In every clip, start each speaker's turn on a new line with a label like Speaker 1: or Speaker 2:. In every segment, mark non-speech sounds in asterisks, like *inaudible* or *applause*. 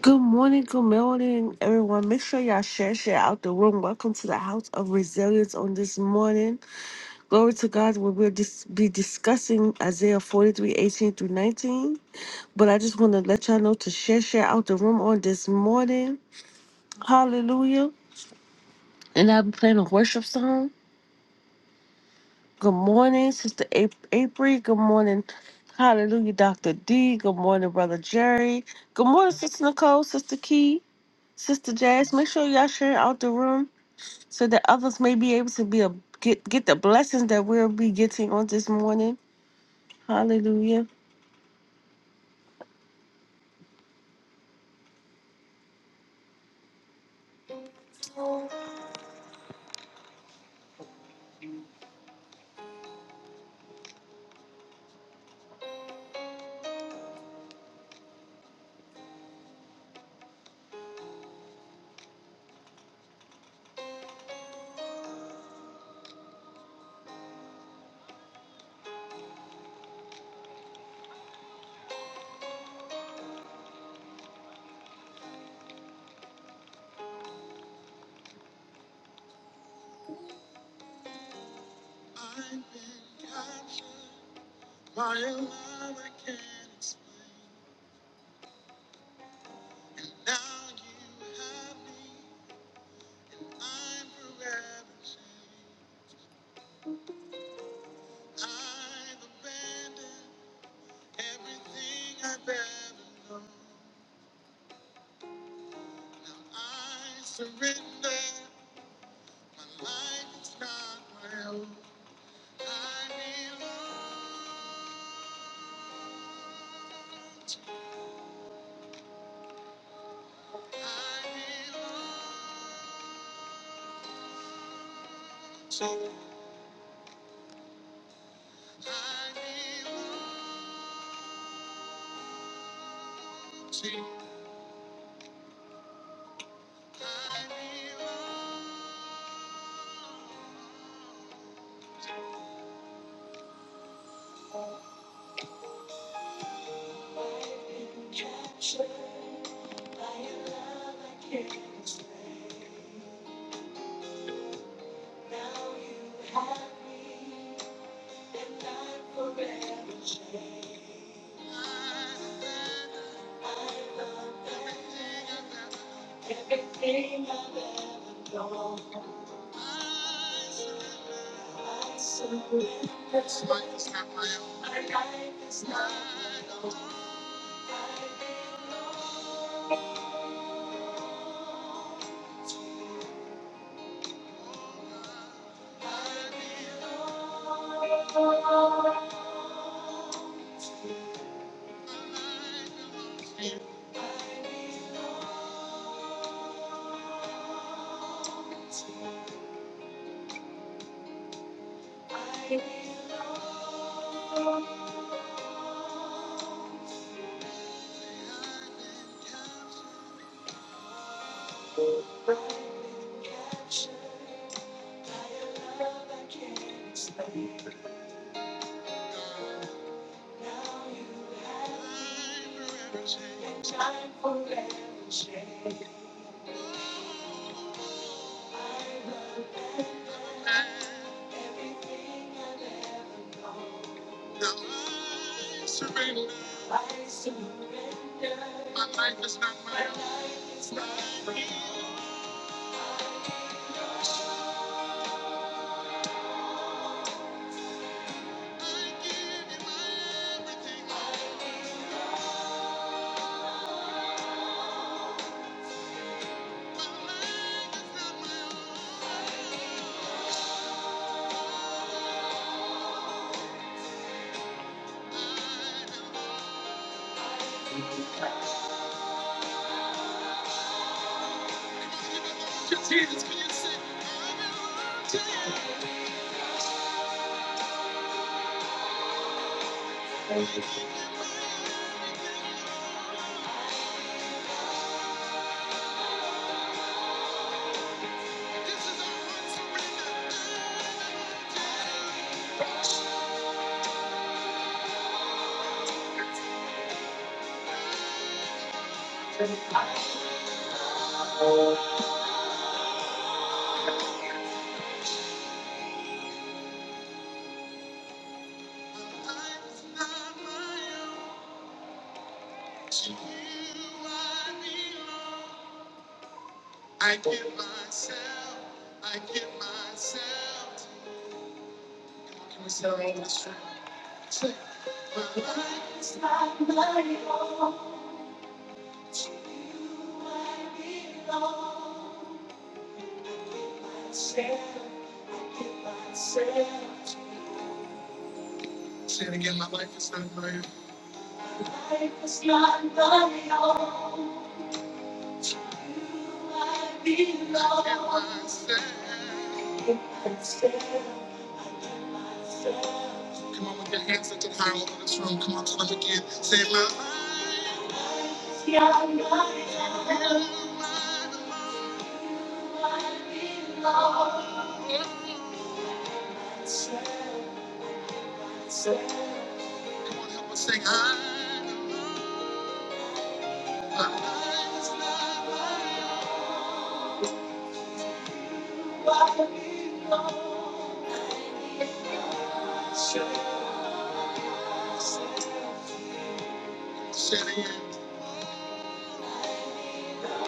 Speaker 1: Good morning, good morning, everyone. Make sure y'all share, share out the room. Welcome to the House of Resilience on this morning. Glory to God, we will dis- be discussing Isaiah 43:18 through 19. But I just want to let y'all know to share, share out the room on this morning. Hallelujah. And I'll be playing a worship song. Good morning, Sister A- April. Good morning. Hallelujah, Dr. D. Good morning, Brother Jerry. Good morning, Sister Nicole, Sister Key. Sister Jazz, make sure y'all share out the room so that others may be able to be a get get the blessings that we'll be getting on this morning. Hallelujah. To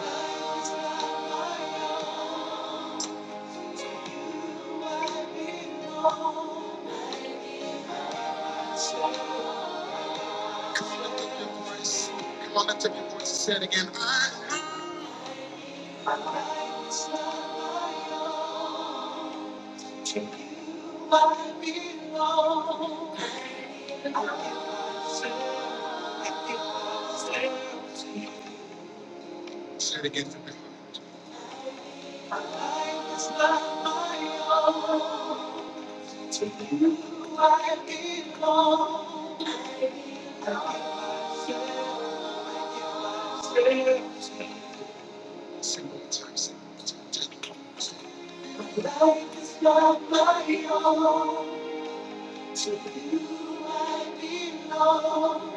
Speaker 1: you I belong. I give myself, I give myself to you. My Life is not my own. To you I belong. I give myself, life is not my own. To you I belong.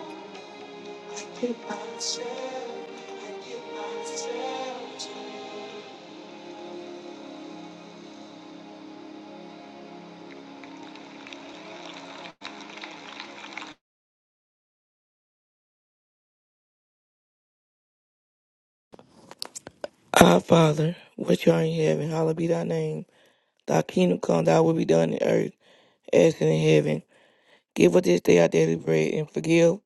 Speaker 1: Myself, I give myself to you.
Speaker 2: Our Father, which art in heaven, hallowed be thy name. Thy kingdom come, thy will be done in earth as in heaven. Give us this day our daily bread, and forgive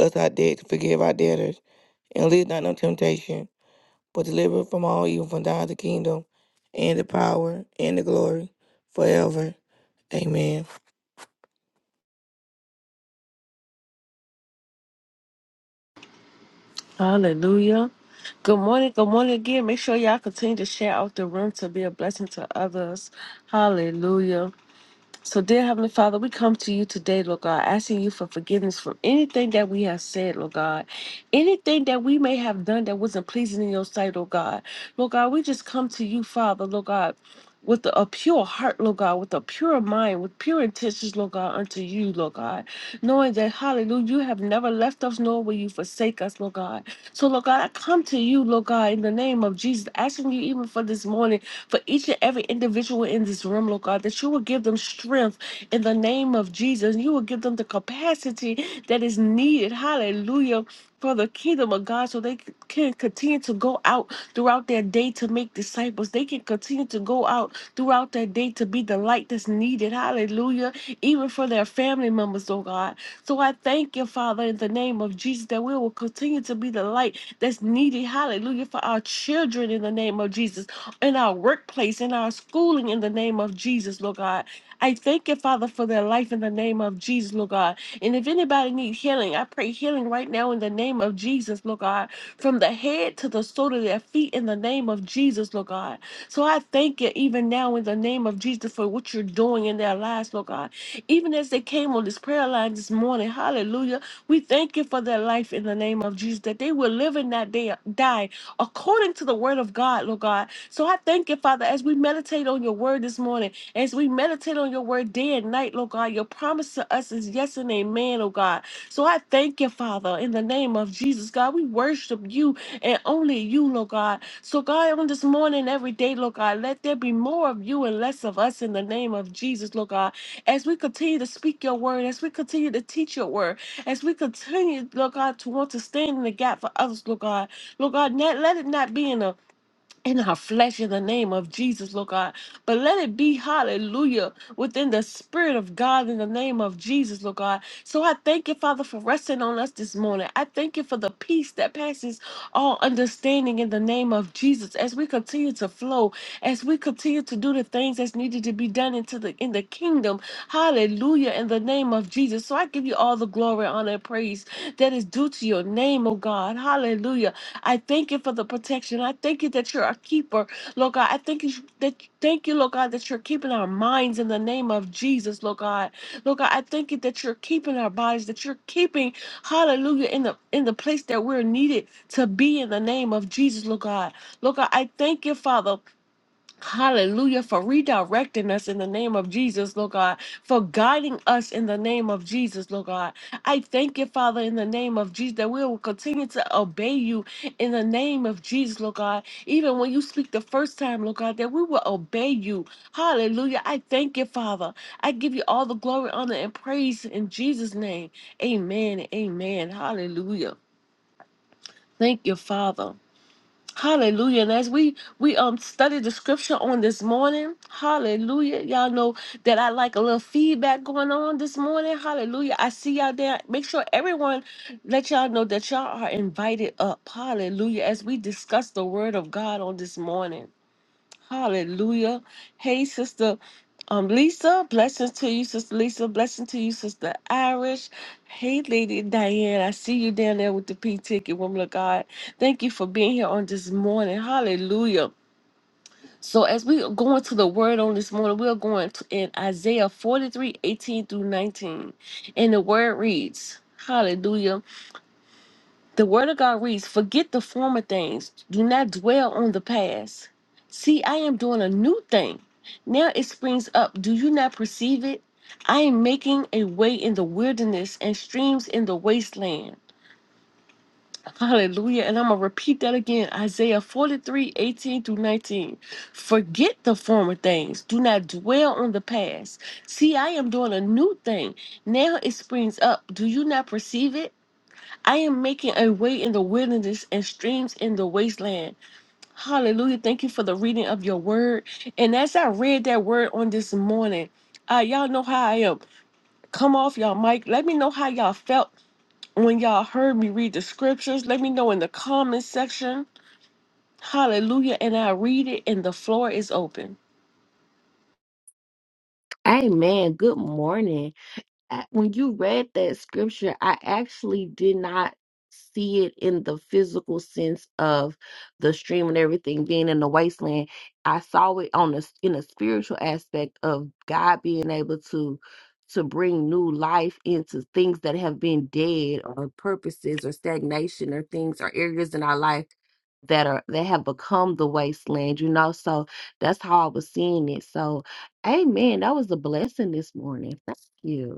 Speaker 2: us our debt, to forgive our debtors. And lead us not into temptation, but deliver us from all evil, from thine is the kingdom, and the power, and the glory, forever. Amen.
Speaker 1: Hallelujah. Good morning. Good morning again. Make sure y'all continue to share out the room to be a blessing to others. Hallelujah. So, dear Heavenly Father, we come to you today, Lord God, asking you for forgiveness for anything that we have said, Lord God, anything that we may have done that wasn't pleasing in your sight, Lord God. Lord God, we just come to you, Father, Lord God. With a pure heart, Lord God, with a pure mind, with pure intentions, Lord God, unto you, Lord God, knowing that, hallelujah, you have never left us, nor will you forsake us, Lord God. So, Lord God, I come to you, Lord God, in the name of Jesus, asking you even for this morning for each and every individual in this room, Lord God, that you will give them strength in the name of Jesus. You will give them the capacity that is needed. Hallelujah. For the kingdom of God, so they c- can continue to go out throughout their day to make disciples. They can continue to go out throughout their day to be the light that's needed. Hallelujah. Even for their family members, oh God. So I thank you, Father, in the name of Jesus, that we will continue to be the light that's needed. Hallelujah. For our children, in the name of Jesus in our workplace, in our schooling, in the name of Jesus, Lord God. I thank you, Father, for their life in the name of Jesus, Lord God. And if anybody needs healing, I pray healing right now in the name of Jesus, Lord God, from the head to the sole of their feet in the name of Jesus, Lord God. So I thank you even now in the name of Jesus for what you're doing in their lives, Lord God. Even as they came on this prayer line this morning, hallelujah, we thank you for their life in the name of Jesus, that they will live and not die die according to the word of God, Lord God so I thank you, Father, as we meditate on your word this morning, as we meditate on your word day and night, Lord God, your promise to us is yes and amen, oh God. So I thank you, Father, in the name of Jesus, God. We worship you and only you, Lord God. So, God, on this morning, every day, Lord God, let there be more of you and less of us in the name of Jesus, Lord God. As we continue to speak your word, as we continue to teach your word, as we continue, Lord God, to want to stand in the gap for others, Lord God. Lord God, let let it not be in a in our flesh in the name of Jesus, Lord God. But let it be, hallelujah, within the Spirit of God in the name of Jesus, Lord God. So I thank you, Father, for resting on us this morning. I thank you for the peace that passes all understanding in the name of Jesus as we continue to flow, as we continue to do the things that's needed to be done into the in the kingdom. Hallelujah, in the name of Jesus. So I give you all the glory, honor, and praise that is due to your name, oh God. Hallelujah. I thank you for the protection. I thank you that you're a keeper, Lord God. I thank you that thank you, Lord God, that you're keeping our minds in the name of Jesus, Lord God. Lord God, I thank you that you're keeping our bodies, that you're keeping, hallelujah, in the in the place that we're needed to be in the name of Jesus, Lord God. Lord God, I thank you, Father. Hallelujah for redirecting us in the name of Jesus, Lord God, for guiding us in the name of Jesus, Lord God. I thank you, Father, in the name of Jesus, that we will continue to obey you in the name of Jesus, Lord God. Even when you speak the first time, Lord God, that we will obey you. Hallelujah. I thank you, Father. I give you all the glory, honor, and praise in Jesus' name. Amen. Amen. Hallelujah. Thank you, Father. Hallelujah. And as we we um studied the scripture on this morning, hallelujah. Y'all know that I like a little feedback going on this morning. Hallelujah. I see y'all there. Make sure everyone let y'all know that y'all are invited up. Hallelujah. As we discuss the word of God on this morning. Hallelujah. Hey, Sister um, Lisa, blessings to you, Sister Lisa. Blessing to you, Sister Irish. Hey, Lady Diane, I see you down there with the P ticket, woman of God. Thank you for being here on this morning. Hallelujah. So, as we are going to the word on this morning, we are going to, in Isaiah 43 18 through 19. And the word reads, Hallelujah. The word of God reads, Forget the former things. Do not dwell on the past. See, I am doing a new thing. Now it springs up. Do you not perceive it? I am making a way in the wilderness and streams in the wasteland. *laughs* Hallelujah. And I'm going to repeat that again Isaiah 43:18 through 19. Forget the former things. Do not dwell on the past. See, I am doing a new thing. Now it springs up. Do you not perceive it? I am making a way in the wilderness and streams in the wasteland. Hallelujah. Thank you for the reading of your word. And as I read that word on this morning, uh, y'all know how I am. Come off y'all mic. Let me know how y'all felt when y'all heard me read the scriptures. Let me know in the comment section. Hallelujah. And I read it, and the floor is open.
Speaker 3: Amen. Good morning. I- when you read that scripture, I actually did not see it in the physical sense of the stream and everything being in the wasteland. I saw it on the in a spiritual aspect of God being able to to bring new life into things that have been dead or purposes or stagnation or things or areas in our life that are that have become the wasteland, you know. So that's how I was seeing it. So amen. That was a blessing this morning. Thank you.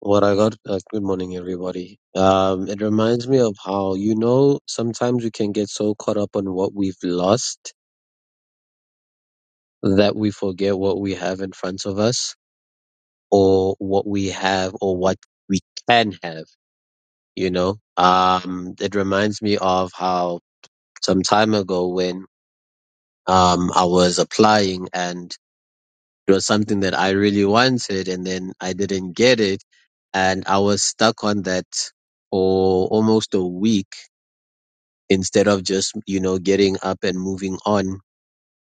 Speaker 4: What I got, uh, good morning, everybody. Um, it reminds me of how, you know, sometimes we can get so caught up on what we've lost that we forget what we have in front of us or what we have or what we can have, you know? Um, it reminds me of how some time ago when, um, I was applying and it was something that I really wanted and then I didn't get it and I was stuck on that for almost a week instead of just, you know, getting up and moving on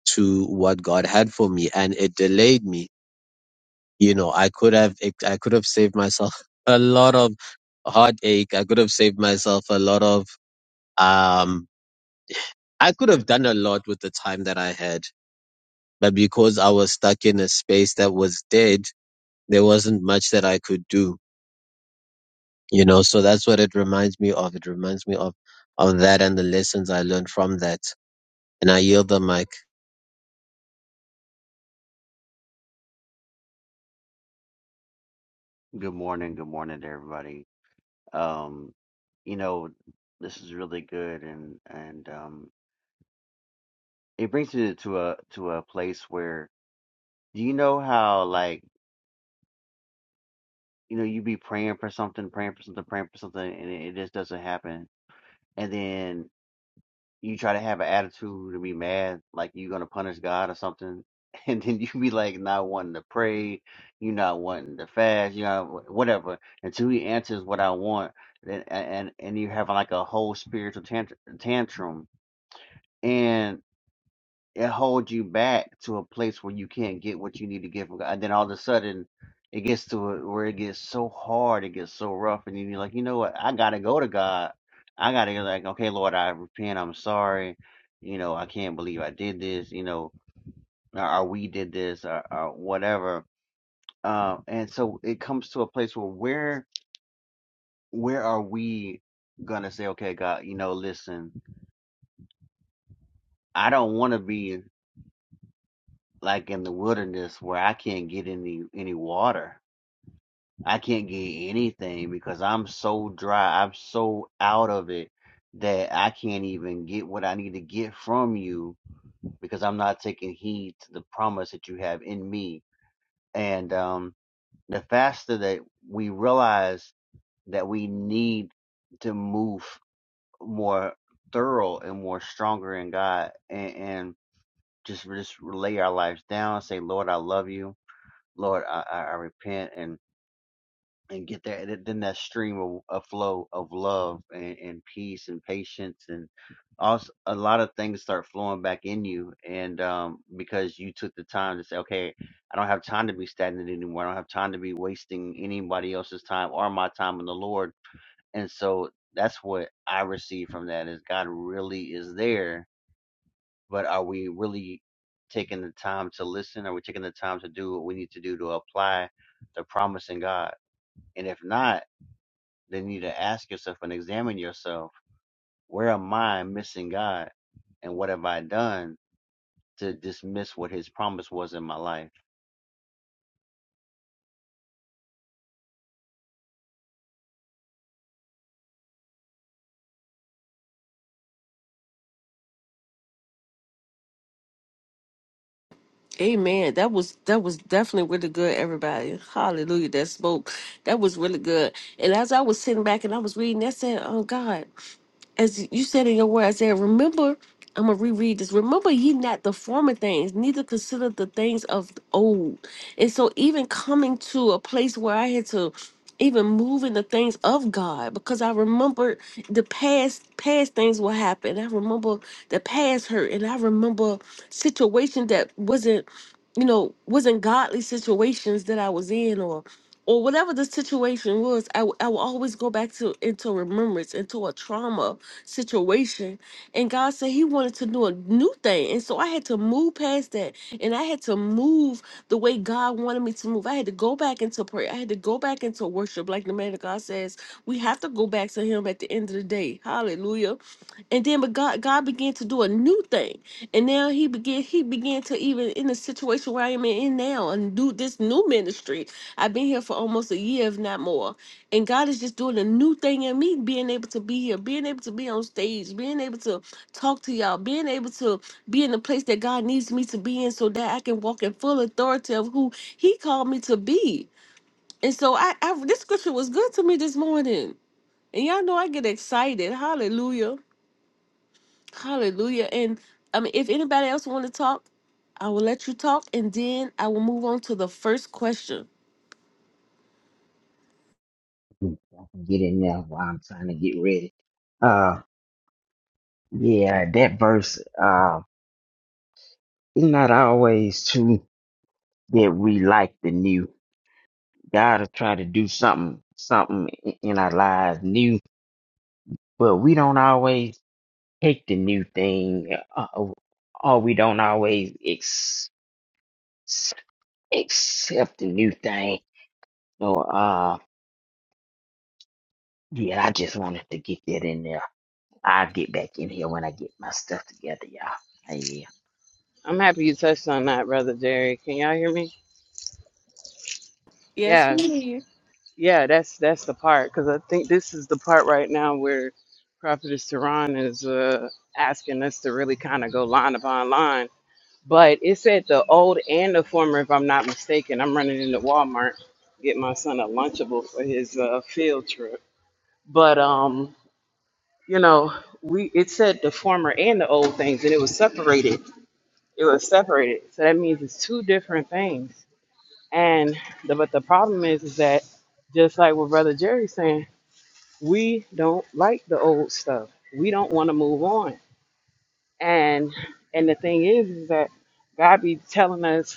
Speaker 4: to what God had for me. And it delayed me. You know, I could have, I could have saved myself *laughs* a lot of heartache. I could have saved myself a lot of, um, I could have done a lot with the time that I had, but because I was stuck in a space that was dead, there wasn't much that I could do, you know? So that's what it reminds me of. It reminds me of, of that and the lessons I learned from that. And I yield the mic.
Speaker 5: Good morning, good morning to everybody. Um, you know, this is really good and and um it brings me to a to a place where do you know how like you know you be praying for something, praying for something, praying for something and it, it just doesn't happen. And then you try to have an attitude to be mad, like you're gonna punish God or something, *laughs* and then you be like not wanting to pray, you not wanting to fast, you know, whatever, until He answers what I want, and and, and you having like a whole spiritual tant- tantrum, and it holds you back to a place where you can't get what you need to get from God. And then all of a sudden, it gets to a, where it gets so hard, it gets so rough, and then you're like, you know what? I gotta go to God. I gotta go like, okay, Lord, I repent. I'm sorry. You know, I can't believe I did this. You know, or, or we did this, or, or whatever. Um, and so it comes to a place where where where are we gonna say, okay, God, you know, listen, I don't want to be like in the wilderness where I can't get any any water I can't get anything because I'm so dry. I'm so out of it that I can't even get what I need to get from you because I'm not taking heed to the promise that you have in me. And um, the faster that we realize that we need to move more thorough and more stronger in God and, and just, just lay our lives down, say, Lord, I love you. Lord, I, I I repent And and get that th- then that stream of, of flow of love and, and peace and patience and also a lot of things start flowing back in you and um because you took the time to say okay i don't have time to be stagnant anymore i don't have time to be wasting anybody else's time or my time in the lord and so that's what i receive from that is god really is there but are we really taking the time to listen are we taking the time to do what we need to do to apply the promise in god and if not then you need to ask yourself and examine yourself. Where am I missing God? And what have I done to dismiss what his promise was in my life?
Speaker 1: Amen. That was that was definitely really good, everybody. Hallelujah. That spoke. That was really good. And as I was sitting back and I was reading, I said, Oh God, as you said in your word, I said, Remember, I'm gonna reread this. Remember ye not the former things, neither consider the things of old. And so even coming to a place where I had to even move in the things of God, because I remember the past past things will happen. I remember the past hurt and I remember situation that wasn't you know, wasn't godly situations that I was in or or whatever the situation was, I would I would always go back to into remembrance, into a trauma situation. And God said He wanted to do a new thing. And so I had to move past that. And I had to move the way God wanted me to move. I had to go back into prayer. I had to go back into worship. Like the man of God says, we have to go back to Him at the end of the day. Hallelujah. And then but God God began to do a new thing and now he began he began to even in the situation where I am in now and do this new ministry. I've been here for almost a year, if not more. And God is just doing a new thing in me, being able to be here, being able to be on stage, being able to talk to y'all, being able to be in the place that God needs me to be in so that I can walk in full authority of who He called me to be. And so I, I this scripture was good to me this morning. And y'all know I get excited. Hallelujah. Hallelujah. And I mean, if anybody else want to talk, I will let you talk, and then I will move on to the first question.
Speaker 6: I can get in there while I'm trying to get ready. Uh, yeah, that verse, uh, it's not always true that we like the new. God will try to do something, something i- in our lives new, but we don't always take the new thing, uh, uh, or we don't always ex- accept the new thing. So, uh, yeah, I just wanted to get that in there. I'll get back in here when I get my stuff together, y'all. Hey, Yeah.
Speaker 7: I'm happy you touched on that, brother Jerry. Can y'all hear me?
Speaker 1: Yes, we hear
Speaker 7: Yes. Yeah, that's that's the part because I think this is the part right now where Prophetess Tehran is uh, asking us to really kind of go line upon line. But it said the old and the former, if I'm not mistaken. I'm running into Walmart get my son a Lunchable for his uh, field trip. But um, you know, we it said the former and the old things, and it was separated. It was separated, so that means it's two different things And the, but the problem is, is that just like what Brother Jerry's saying, we don't like the old stuff. We don't want to move on. And and the thing is, is that God be telling us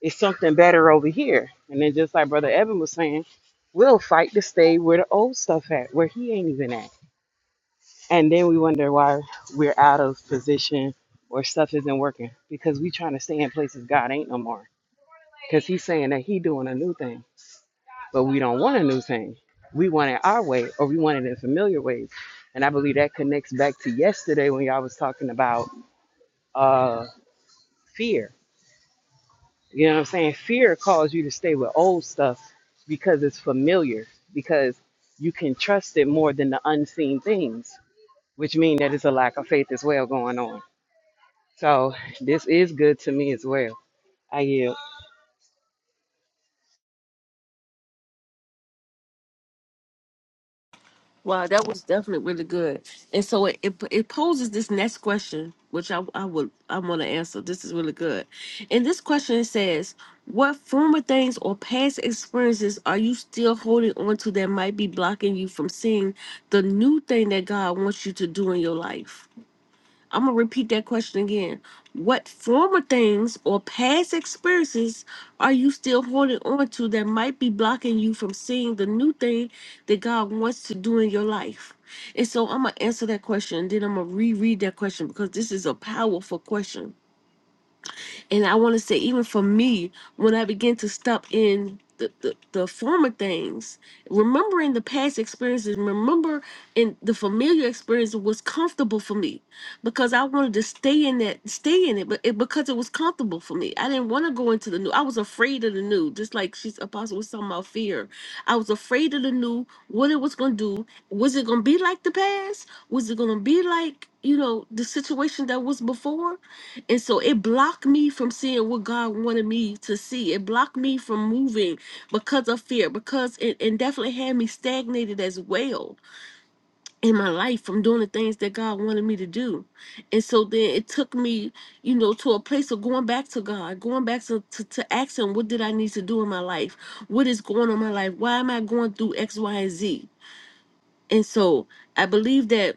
Speaker 7: it's something better over here. And then just like Brother Evan was saying, we'll fight to stay where the old stuff at, where he ain't even at. And then we wonder why we're out of position or stuff isn't working because we trying to stay in places God ain't no more. Because he's saying that he doing a new thing. but we don't want a new thing. We want it our way, or we want it in familiar ways. And I believe that connects back to yesterday when y'all was talking about uh, fear. You know what I'm saying? Fear calls you to stay with old stuff because it's familiar, because you can trust it more than the unseen things, which means that it's a lack of faith as well going on. So this is good to me as well. I yield.
Speaker 1: Wow, that was definitely really good. And so it, it it poses this next question, which I I would I want to answer. This is really good. And this question says, "What former things or past experiences are you still holding on to that might be blocking you from seeing the new thing that God wants you to do in your life?" I'm gonna repeat that question again. What former things or past experiences are you still holding on to that might be blocking you from seeing the new thing that God wants to do in your life? And so I'm gonna answer that question, and then I'm gonna reread that question because this is a powerful question. And I want to say, even for me, when I begin to step in the, the, the former things, remembering the past experiences, remember in the familiar experience was comfortable for me because I wanted to stay in that, stay in it, but it, because it was comfortable for me. I didn't want to go into the new. I was afraid of the new, just like she's apostle was talking about fear. I was afraid of the new, what it was going to do. Was it going to be like the past? Was it going to be like, you know, the situation that was before? And so it blocked me from seeing what God wanted me to see. It blocked me from moving because of fear, because it, it definitely had me stagnated as well in my life from doing the things that God wanted me to do. And so then it took me, you know, to a place of going back to God, going back to, to, to ask Him, what did I need to do in my life? What is going on in my life? Why am I going through X, Y, and Z? And so I believe that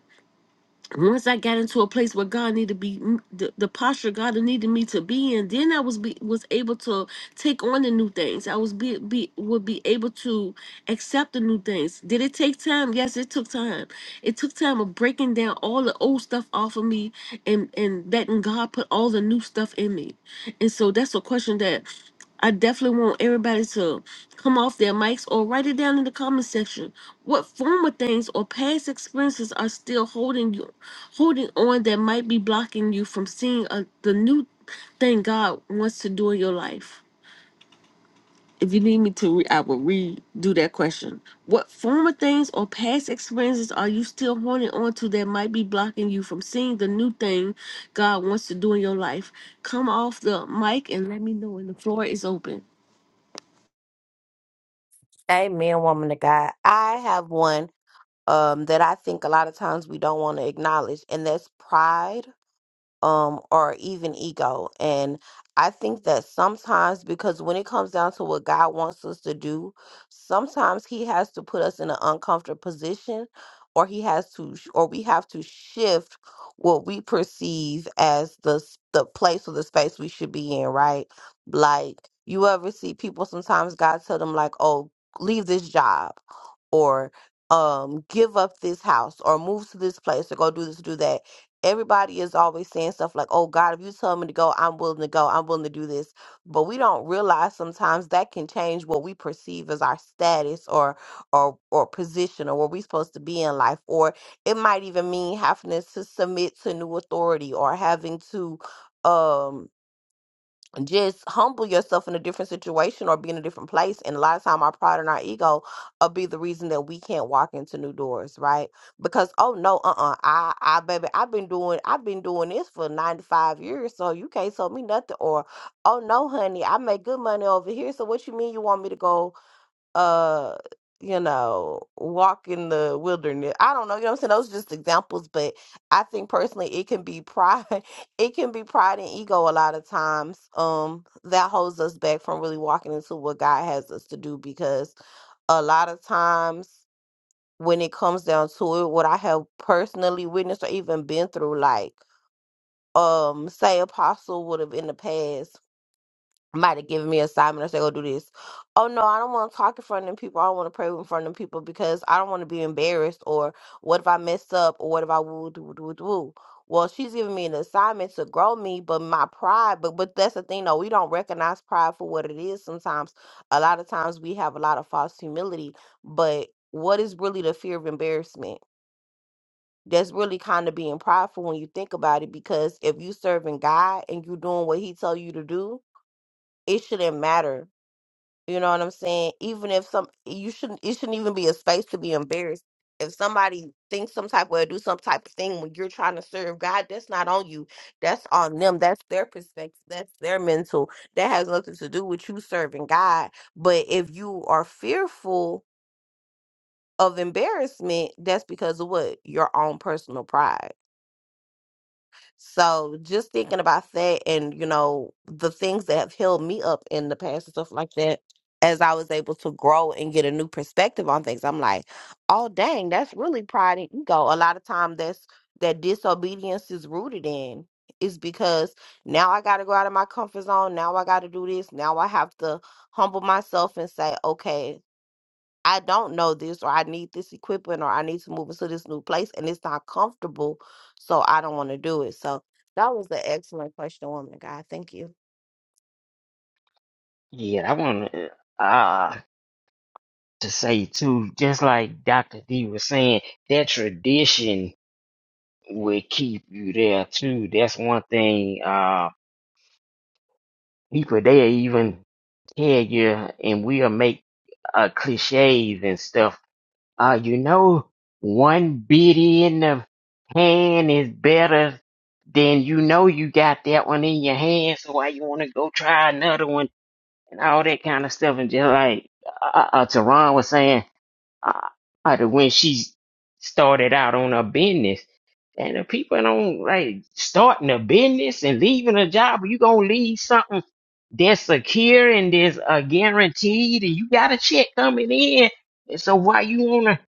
Speaker 1: once I got into a place where God needed to be mm, the, the posture God needed me to be in, then I was be, was able to take on the new things. I was be, be would be able to accept the new things. Did it take time? Yes, it took time. It took time of breaking down all the old stuff off of me and and letting God put all the new stuff in me. And so that's a question that I definitely want everybody to come off their mics or write it down in the comment section. What former things or past experiences are still holding you, holding on that might be blocking you from seeing uh the new thing God wants to do in your life? If you need me to, re- I will redo that question. What former things or past experiences are you still holding on to that might be blocking you from seeing the new thing God wants to do in your life? Come off the mic and let me know And the floor is open.
Speaker 3: Amen, woman of God. I have one um, that I think a lot of times we don't want to acknowledge, and that's pride um or even ego and i think that sometimes because when it comes down to what god wants us to do sometimes he has to put us in an uncomfortable position or he has to sh- or we have to shift what we perceive as the s- the place or the space we should be in right like you ever see people sometimes god tell them like oh leave this job or um give up this house or move to this place or go do this do that everybody is always saying stuff like, oh God, if you tell me to go, I'm willing to go. I'm willing to do this. But we don't realize sometimes that can change what we perceive as our status or or or position or where we're supposed to be in life. Or it might even mean having to submit to new authority or having to um just humble yourself in a different situation or be in a different place. And a lot of time our pride and our ego will be the reason that we can't walk into new doors, right? Because oh no, uh uh I I baby, I've been doing I've been doing this for ninety five years, so you can't tell me nothing or oh no, honey, I make good money over here. So what you mean you want me to go uh you know walk in the wilderness i don't know you know what i'm saying those are just examples but i think personally it can be pride *laughs* it can be pride and ego a lot of times um that holds us back from really walking into what god has us to do because a lot of times when it comes down to it what i have personally witnessed or even been through like um say apostle would have in the past might have given me an assignment. I say, go do this. Oh no, I don't want to talk in front of them people. I don't want to pray in front of them people because I don't want to be embarrassed. Or what if I mess up? Or what if I woo do do do? Well, she's giving me an assignment to grow me, but my pride. But but that's the thing though. We don't recognize pride for what it is. Sometimes, a lot of times we have a lot of false humility. But what is really the fear of embarrassment? That's really kind of being prideful when you think about it. Because if you serving God and you doing what He tell you to do, it shouldn't matter you know what I'm saying? Even if some you shouldn't it shouldn't even be a space to be embarrassed. If somebody thinks some type of way or do some type of thing when you're trying to serve God, that's not on you. That's on them. That's their perspective. That's their mental. That has nothing to do with you serving God. But if you are fearful of embarrassment, that's because of what? Your own personal pride. So just thinking about that and, you know, the things that have held me up in the past and stuff like that, as I was able to grow and get a new perspective on things, I'm like, oh dang, that's really pride and ego. A lot of time that's that disobedience is rooted in is because now I gotta go out of my comfort zone. Now I gotta do this. Now I have to humble myself and say, okay, I don't know this, or I need this equipment, or I need to move into this new place, and it's not comfortable, so I don't want to do it. So that was an excellent question, woman. God, thank you.
Speaker 6: Yeah, I want to uh, to say too, just like Dr. D was saying, that tradition will keep you there too. That's one thing. Uh, people they even tell you, and we'll make uh, cliches and stuff. Uh, you know, one bitty in the hand is better than you know you got that one in your hand. So why you want to go try another one and all that kind of stuff? And just like uh, uh, Teron was saying. uh, out of when she started out on her business. And if people don't like starting a business and leaving a job, you gonna leave something that's secure and there's a guaranteed, and you got a check coming in. And so why you wanna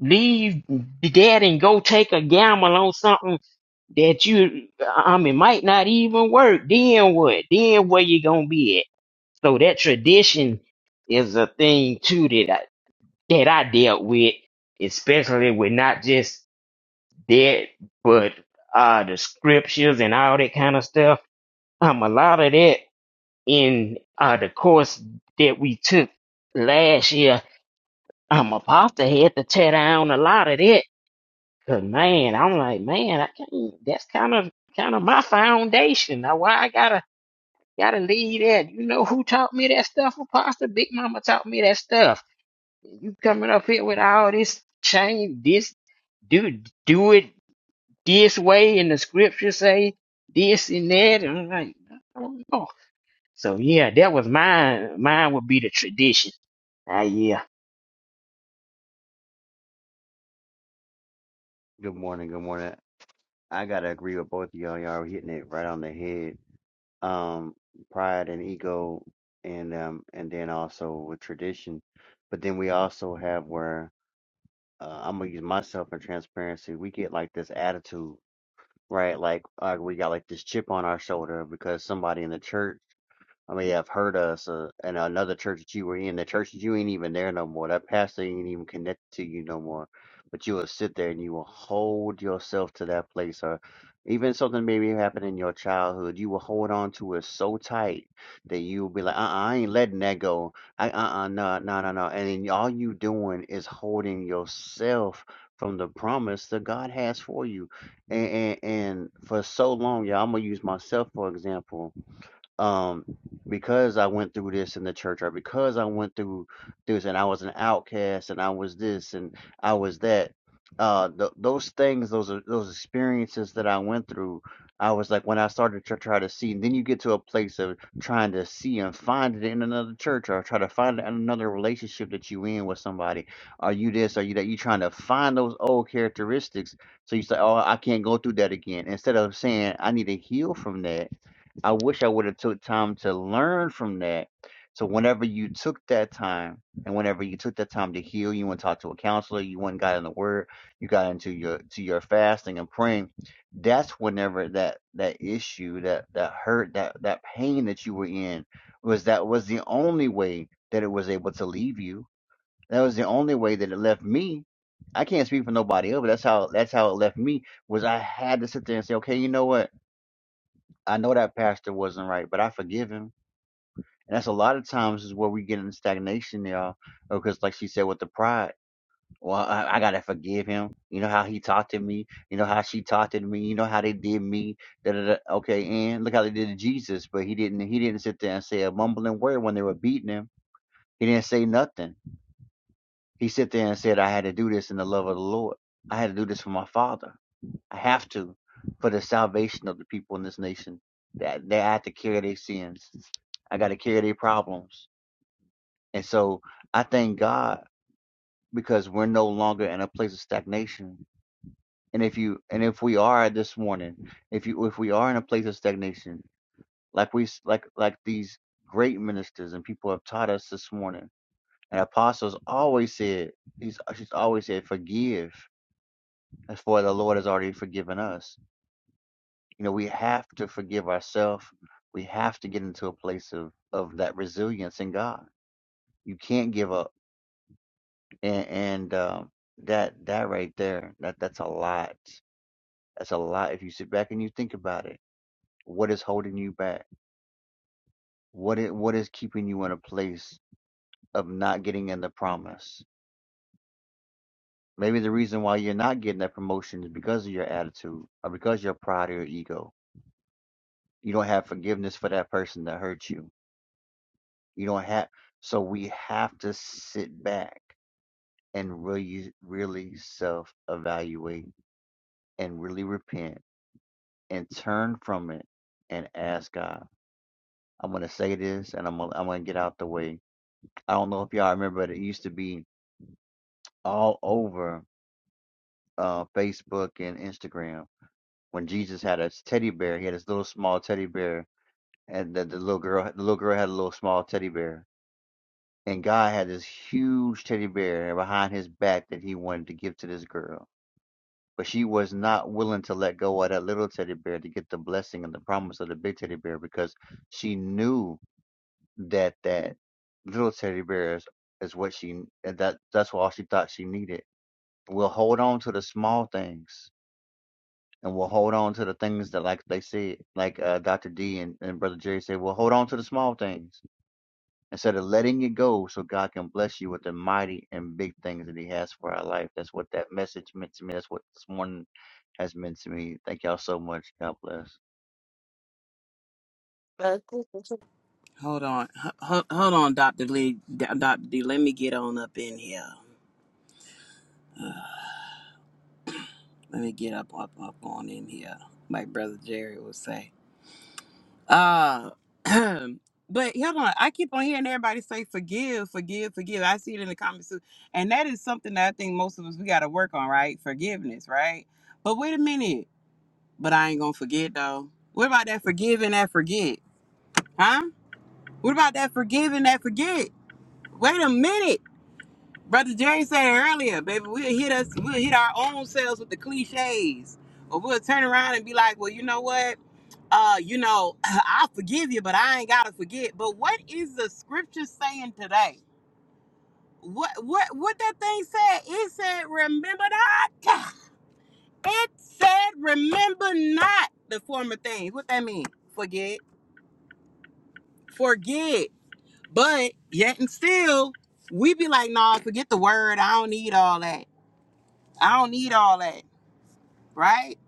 Speaker 6: leave that and go take a gamble on something that you, I mean, might not even work? Then what? Then where you gonna be at? So that tradition is a thing too that that I dealt with, especially with not just that, but uh, the scriptures and all that kind of stuff. Um, a lot of that in uh, the course that we took last year, um, Apostle had to tear down a lot of that. Cause man, I'm like, man, I can't. That's kind of kind of my foundation. Now, why I gotta gotta leave that? You know who taught me that stuff, Apostle? Big Mama taught me that stuff you coming up here with all this change this do do it this way and the scripture say this and that and I'm like I don't know. So yeah, that was mine. Mine would be the tradition. Ah yeah.
Speaker 5: Good morning, good morning. I gotta agree with both of y'all. Y'all are hitting it right on the head. Um, pride and ego and um and then also with tradition. But then we also have where uh, I'm gonna use myself in transparency. We get like this attitude, right? Like uh, we got like this chip on our shoulder because somebody in the church I mean, I've heard us uh, in another church that you were in. The church that you ain't even there no more. That pastor ain't even connected to you no more. But you will sit there and you will hold yourself to that place, or even something maybe happened in your childhood. You will hold on to it so tight that you will be like, uh, uh I ain't letting that go. I, uh, uh no, no, no, no. And then all you doing is holding yourself from the promise that God has for you. And and, and for so long, y'all, I'm gonna use myself for example um because I went through this in the church or because I went through this and I was an outcast and I was this and I was that uh th- those things those are those experiences that I went through I was like when I started to try to see and then you get to a place of trying to see and find it in another church or try to find it in another relationship that you in with somebody are you this are you that you trying to find those old characteristics so you say oh I can't go through that again instead of saying I need to heal from that I wish I would have took time to learn from that. So whenever you took that time and whenever you took that time to heal, you went and talked to a counselor, you went and got in the word, you got into your to your fasting and praying, that's whenever that that issue, that that hurt, that that pain that you were in was that was the only way that it was able to leave you. That was the only way that it left me. I can't speak for nobody else, but that's how that's how it left me was I had to sit there and say, okay, you know what? I know that pastor wasn't right, but I forgive him. And that's a lot of times is where we get in stagnation, y'all. Because like she said with the pride, well, I, I gotta forgive him. You know how he talked to me. You know how she talked to me. You know how they did me. Da, da, da. Okay, and look how they did to Jesus, but he didn't. He didn't sit there and say a mumbling word when they were beating him. He didn't say nothing. He sit there and said, "I had to do this in the love of the Lord. I had to do this for my Father." I have to for the salvation of the people in this nation. That they I have to carry their sins. I got to carry their problems. And so I thank God because we're no longer in a place of stagnation. And if you and if we are this morning, if you if we are in a place of stagnation, like we like like these great ministers and people have taught us this morning, and apostles always said, he's she's always said, forgive, as for the Lord has already forgiven us You know, we have to forgive ourselves. We have to get into a place of of that resilience in God. You can't give up, and, and um, that that right there, that that's a lot. That's a lot. If you sit back and you think about it, what is holding you back? What is, what is keeping you in a place of not getting in the promise? Maybe the reason why you're not getting that promotion is because of your attitude or because of your pride or your ego. You don't have forgiveness for that person that hurt you You don't have, so we have to sit back and really, really self evaluate and really repent and turn from it and ask God. I'm going to say this and I'm going to I'm going to get out the way. I don't know if y'all remember, but it used to be all over uh, Facebook and Instagram when Jesus had his teddy bear. He had his little small teddy bear, and the, the little girl, the little girl had a little small teddy bear and God had this huge teddy bear behind his back that he wanted to give to this girl. But she was not willing to let go of that little teddy bear to get the blessing and the promise of the big teddy bear because she knew that that little teddy bear is, is what she that that's what all she thought she needed. We'll hold on to the small things and we'll hold on to the things that like they said, like uh, Dr. D and, and Brother Jerry said, we'll hold on to the small things instead of letting it go so God can bless you with the mighty and big things that He has for our life. That's what that message meant to me. That's what this morning has meant to me. Thank y'all so much. God bless.
Speaker 3: Uh,
Speaker 7: Hold on, H- hold hold on, Doctor Lee, Doctor D. Let me get on up in here. Let me get up, up, up on in here. My brother Jerry would say. Uh, *clears throat* but hold on. I keep on hearing everybody say forgive, forgive, forgive. I see it in the comments too. And that is something that I think most of us, we got to work on, right? Forgiveness, right? But wait a minute. But I ain't going to forget, though. What about that forgiving that forget? Huh? What about that forgiving that forget? Wait a minute. Brother Jerry said it earlier, baby. We'll hit us, we'll hit our own selves with the cliches or we'll turn around and be like, well, you know what? uh, you know, *laughs* *clears throat* I forgive you, but I ain't gotta forget. But what is the scripture saying today? What what what that thing said? It said, remember not. *laughs* *sighs* It said, remember not the former things. What that mean? Forget, forget. But yet and still, we be like, nah, forget the word. I don't need all that. I don't need all that. Right?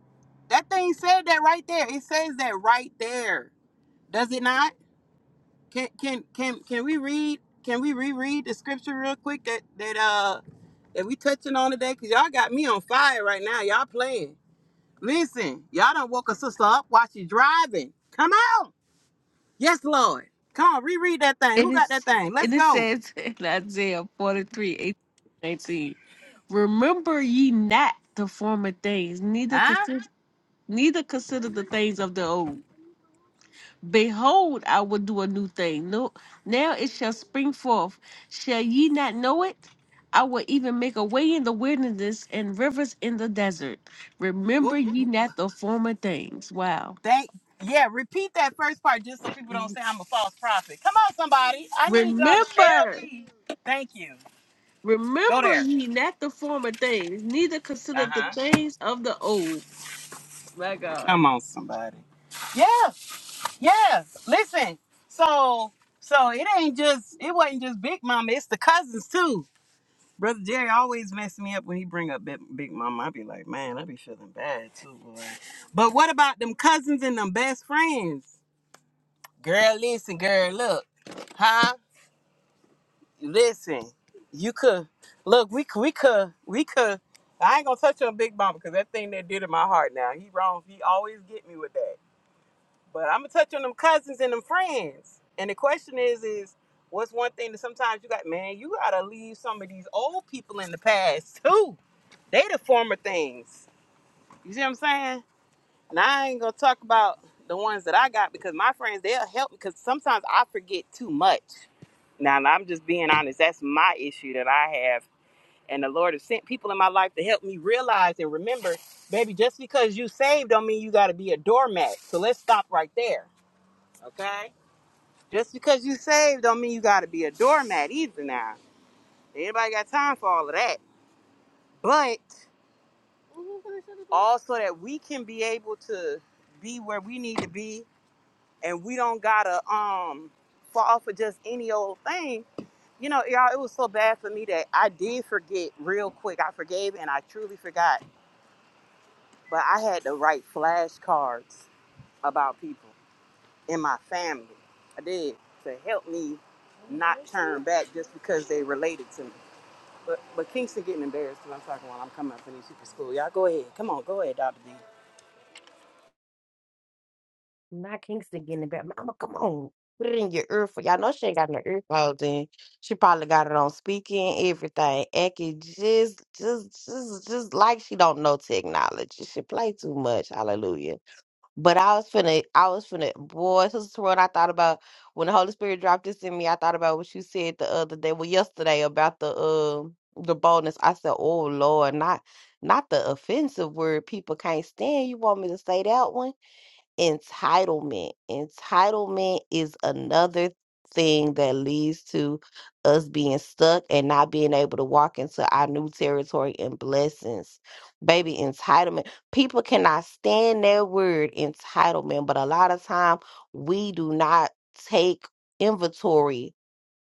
Speaker 7: That thing said that right there. It says that right there. Does it not? Can can can can we read? Can we reread the scripture real quick that that uh that we touching on today? Cause y'all got me on fire right now. Y'all playing. Listen, y'all done woke a sister up while she's driving. Come on. Yes, Lord. Come on, reread that thing.
Speaker 1: And
Speaker 7: Who
Speaker 1: it,
Speaker 7: got that thing? Let's
Speaker 1: and it
Speaker 7: go.
Speaker 1: says *laughs* in Isaiah 43 18 19, Remember ye not the former things, neither
Speaker 7: Huh?
Speaker 1: consider, neither consider the things of the old. Behold, I will do a new thing. No, now it shall spring forth. Shall ye not know it? I will even make a way in the wilderness and rivers in the desert. Remember
Speaker 7: Well,
Speaker 1: ye not the former things. Wow.
Speaker 7: thank yeah, repeat that first part just so people don't say I'm a false prophet. Come on, somebody. I need y'all to tell
Speaker 1: Remember.
Speaker 7: me. Thank you. Go
Speaker 1: Remember
Speaker 7: there.
Speaker 1: ye not the former things, neither consider the
Speaker 7: Uh-huh.
Speaker 1: things of the old. My God.
Speaker 7: Come on, somebody. Yeah. Yeah, listen. So so it ain't just it wasn't just Big Mama. It's the cousins too. Brother Jerry always mess me up when he bring up Big, Big Mama. I be like, man, I be feeling bad too, boy. But what about them cousins and them best friends? Girl, listen, girl, look, huh? Listen, you could look. We could, we could, we could. I ain't gonna touch on Big Mama because that thing that did in my heart. Now he wrong. He always get me with that. But I'm gonna touch on them cousins and them friends. And the question is, is what's one thing that sometimes you got, man, you gotta leave some of these old people in the past *laughs* too. They the former things. You see what I'm saying? And I ain't gonna talk about the ones that I got because my friends they'll help me because sometimes I forget too much. Now I'm just being honest. That's my issue that I have. And the Lord has sent people in my life to help me realize and remember, baby, just because you saved don't mean you gotta be a doormat. So let's stop right there. Okay? Just because you saved don't mean you gotta be a doormat either now. Anybody got time for all of that? But also that we can be able to be where we need to be and we don't gotta um fall for just any old thing. You know, y'all, it was so bad for me that I did forget real quick. I forgave and I truly forgot. But I had to write flashcards about people in my family. I did to help me not turn back just because they related to me. But but Kingston getting embarrassed because I'm talking while I'm coming up for these people school. Y'all go ahead. Come on, go ahead, Dr. D.
Speaker 3: Not Kingston getting it back. Mama, come on. Put it in your earphone. Y'all know she ain't got no earphones in. She probably got it on speaking, everything. Acting just, just, just, just like she don't know technology. She play too much. Hallelujah. But I was finna, I was finna, boy, Sister Terrell, I thought about when the Holy Spirit dropped this in me. I thought about what you said the other day, well, yesterday about the um the boldness. I said, oh Lord, not not the offensive word people can't stand. You want me to say that one? entitlement. Entitlement is another thing that leads to us being stuck and not being able to walk into our new territory and blessings. Baby, entitlement. People cannot stand their word, entitlement, but a lot of time we do not take inventory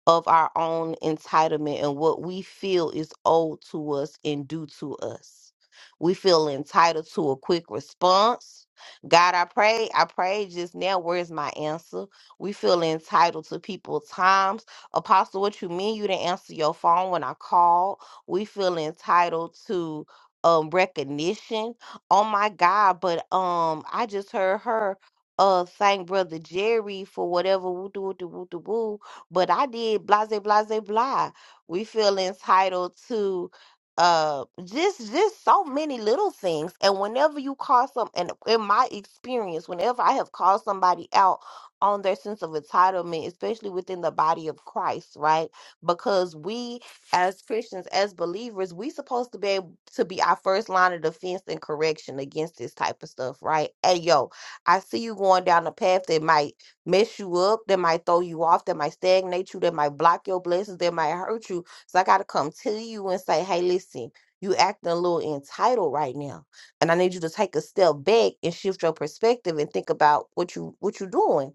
Speaker 3: of our own entitlement and what we feel is owed to us and due to us. We feel entitled to a quick response. God, I pray, I pray just now. Where's my answer? We feel entitled to people times. Apostle, what you mean you didn't answer your phone when I called? We feel entitled to um recognition. Oh my God, but um I just heard her uh thank brother Jerry for whatever woo doo woo woo but I did blase blase blah. blah. We feel entitled to uh just just so many little things. And whenever you call some and in my experience, whenever I have called somebody out on their sense of entitlement, especially within the body of Christ, right? Because we as Christians, as believers, we supposed to be able to be our first line of defense and correction against this type of stuff, right? Hey yo, I see you going down a path that might mess you up, that might throw you off, that might stagnate you, that might block your blessings, that might hurt you. So I got to come to you and say, hey, listen, you acting a little entitled right now. And I need you to take a step back and shift your perspective and think about what you what you're doing.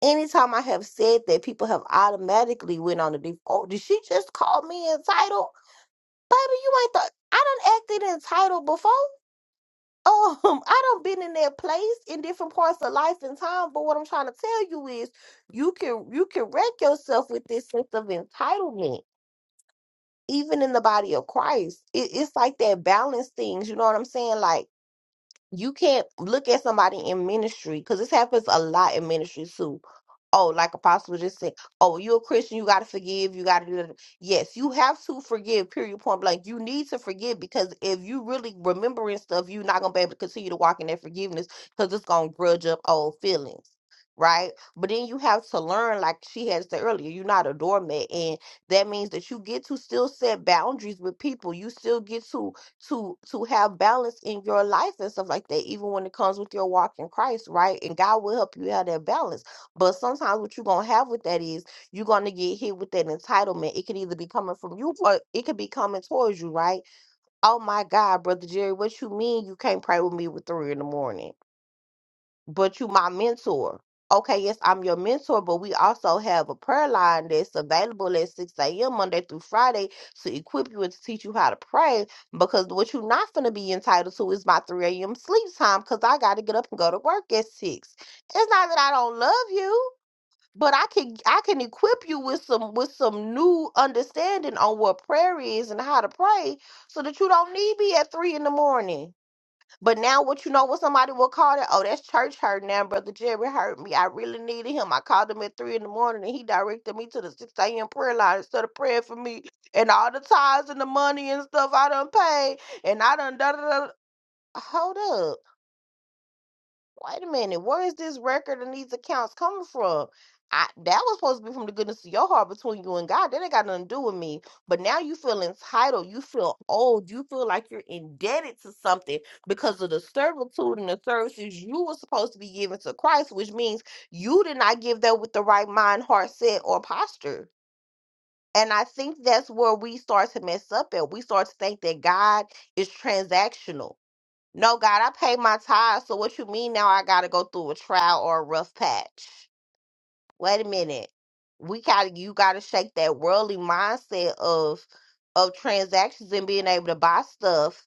Speaker 3: Anytime I have said that, people have automatically went on the deep. Oh, did she just call me entitled? Baby, you ain't thought I done acted entitled before um i don't been in that place in different parts of life and time but what i'm trying to tell you is you can you can wreck yourself with this sense of entitlement even in the body of christ it, it's like that balance things you know what i'm saying like you can't look at somebody in ministry because this happens a lot in ministry too. Oh, like Apostle just said, oh, you're a Christian, you got to forgive, you got to do that. Yes, you have to forgive, period, point blank. You need to forgive because if you really remembering stuff, you're not going to be able to continue to walk in that forgiveness because it's going to grudge up old feelings, right? But then you have to learn, like she had said earlier, you're not a doormat. And that means that you get to still set boundaries with people. You still get to to to have balance in your life and stuff like that, even when it comes with your walk in Christ, right? And God will help you have that balance. But sometimes what you're gonna have with that is you're gonna get hit with that entitlement. It could either be coming from you or it could be coming towards you, right? Oh my God, brother Jerry, what you mean you can't pray with me with three in the morning? but you my mentor. Okay, yes, I'm your mentor, but we also have a prayer line that's available at 6 a.m. Monday through Friday to equip you and to teach you how to pray. Because what you're not going to be entitled to is my 3 a.m. sleep time because I got to get up and go to work at 6. It's not that I don't love you. But I can I can equip you with some with some new understanding on what prayer is and how to pray so that you don't need me at three in the morning. But now, what you know, what somebody will call that? Oh, that's church hurt now. Brother Jerry hurt me. I really needed him. I called him at three in the morning, and he directed me to the six a.m. prayer line instead of praying for me and all the tithes and the money and stuff I done paid, and I done da da da. Hold wait a minute, where is this record and these accounts coming from? I, that was supposed to be from the goodness of your heart between you and God. That ain't got nothing to do with me. But now you feel entitled. You feel old. You feel like you're indebted to something because of the servitude and the services you were supposed to be giving to Christ, which means you did not give that with the right mind, heart, set, or posture. And I think that's where we start to mess up at. We start to think that God is transactional no, God, I pay my tithes. So what you mean now I gotta go through a trial or a rough patch? Wait a minute. We gotta you gotta shake that worldly mindset of of transactions and being able to buy stuff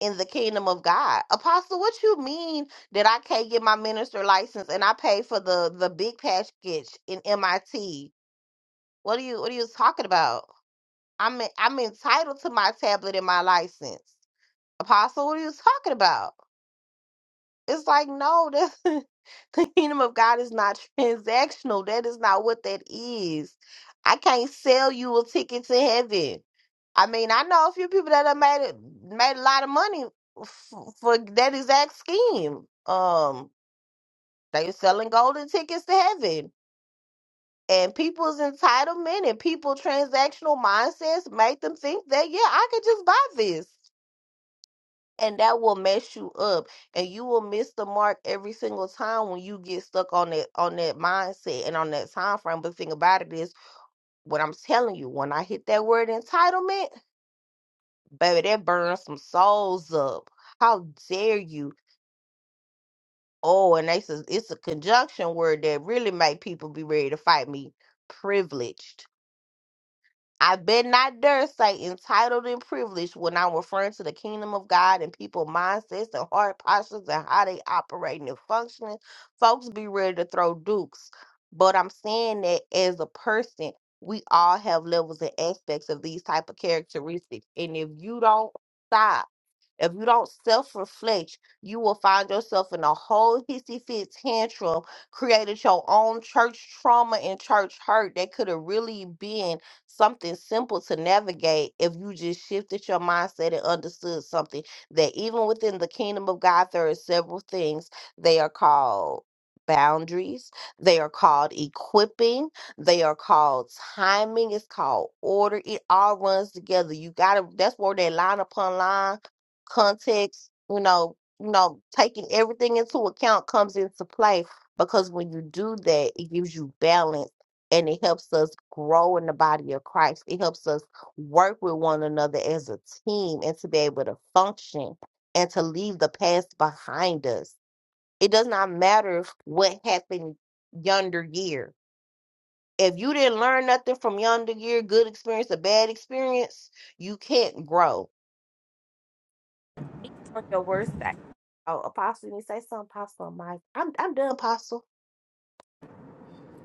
Speaker 3: in the kingdom of God. Apostle, what you mean that I can't get my minister license and I pay for the the big package in MIT? What are you what are you talking about? I'm I'm entitled to my tablet and my license. Apostle, what are you talking about? It's like, no, that, *laughs* the kingdom of God is not *laughs* transactional. That is not what that is. I can't sell you a ticket to heaven. I mean, I know a few people that have made it, made a lot of money f- for that exact scheme. Um, they were selling golden tickets to heaven, and people's entitlement and people transactional mindsets make them think that yeah, I could just buy this and that will mess you up and you will miss the mark every single time when you get stuck on that on that mindset and on that time frame but the thing about it is what i'm telling you when i hit that word entitlement baby that burns some souls up how dare you oh and they says it's a conjunction word that really make people be ready to fight me privileged I bet not dare say entitled and privileged when I'm referring to the kingdom of God and people mindsets and heart postures and how they operating and functioning. Folks be ready to throw dukes. But I'm saying that as a person, we all have levels and aspects of these type of characteristics. And if you don't stop if you don't self reflect, you will find yourself in a whole hissy fit tantrum, created your own church trauma and church hurt that could have really been something simple to navigate if you just shifted your mindset and understood something that even within the kingdom of God, there are several things they are called. Boundaries, they are called equipping, they are called timing, it's called order. It all runs together. You gotta, that's where that line upon line context, you know, you know, taking everything into account comes into play because when you do that, it gives you balance and it helps us grow in the body of Christ. It helps us work with one another as a team and to be able to function and to leave the past behind us. It does not matter what happened yonder year. If you didn't learn nothing from yonder year, good experience or bad experience, you can't grow even on your worst day. Oh, Apostle, you need to say something, Apostle. Mike, I'm I'm done, Apostle.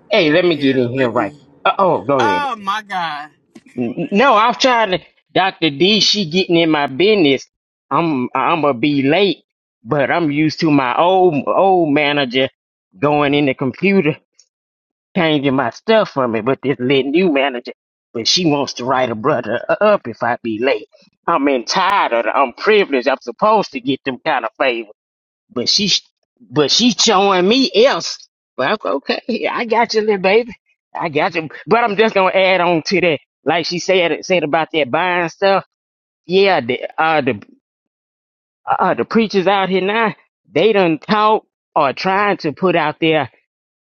Speaker 6: Hey, let me get in here right. Uh oh, go ahead.
Speaker 7: Oh my God.
Speaker 6: N- n- No, I'm trying to Dr. D, she getting in my business. I'm I'ma be late, but I'm used to my old old manager going in the computer. changing my stuff from it, but just letting you manage it. But she wants to write a brother up if I be late. I'm entitled. I'm privileged. I'm supposed to get them kind of favors. But she but she's showing me else. Well, I'm- okay, yeah, I got you, little baby. I got you. But I'm just gonna add on to that. Like she said said about that buying stuff. Yeah, the uh the uh the preachers out here now, they done taught or trying to put out there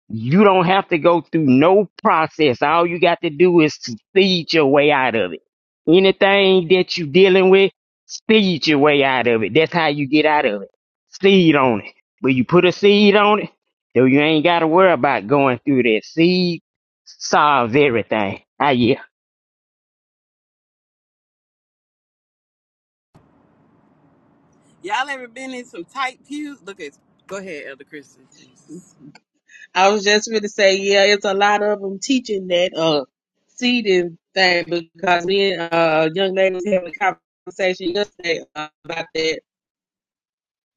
Speaker 6: you don't have to go through no process. All you got to do is to speed your way out of it. Anything that you dealing with, speed your way out of it. That's how you get out of it. Seed on it. When you put a seed on it, though you ain't got to worry about going through that. Seed solves everything. Ah, yeah.
Speaker 7: Y'all ever been in some tight pews? Look at go ahead, Elder Christian Jesus.
Speaker 8: I was just going to say, yeah, it's a lot of them teaching that uh seeding thing because me and uh young lady was having a conversation yesterday uh, about that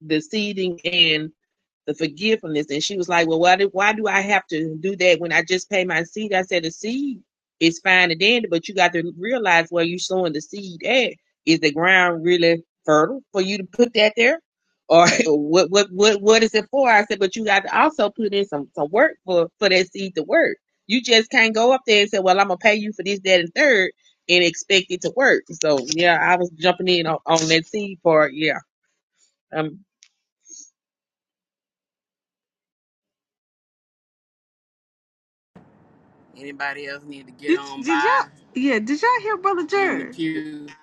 Speaker 8: the seeding and the forgiveness. And she was like, Well, why do, why do I have to do that when I just pay my seed? I said, The seed is fine and dandy, but you got to realize where you're sowing the seed at. Is the ground really fertile for you to put that there? Or *laughs* what what what what is it for? I said, but you got to also put in some some work for for that seed to work. You just can't go up there and say, Well, I'm gonna pay you for this, that, and third and expect it to work. So yeah, I was jumping in on, on that seed part. Yeah. um.
Speaker 7: Anybody else need to get
Speaker 1: Did,
Speaker 7: on
Speaker 1: did y'all
Speaker 7: by
Speaker 1: yeah, did y'all hear Brother
Speaker 7: in the
Speaker 1: Jerry?
Speaker 7: pew?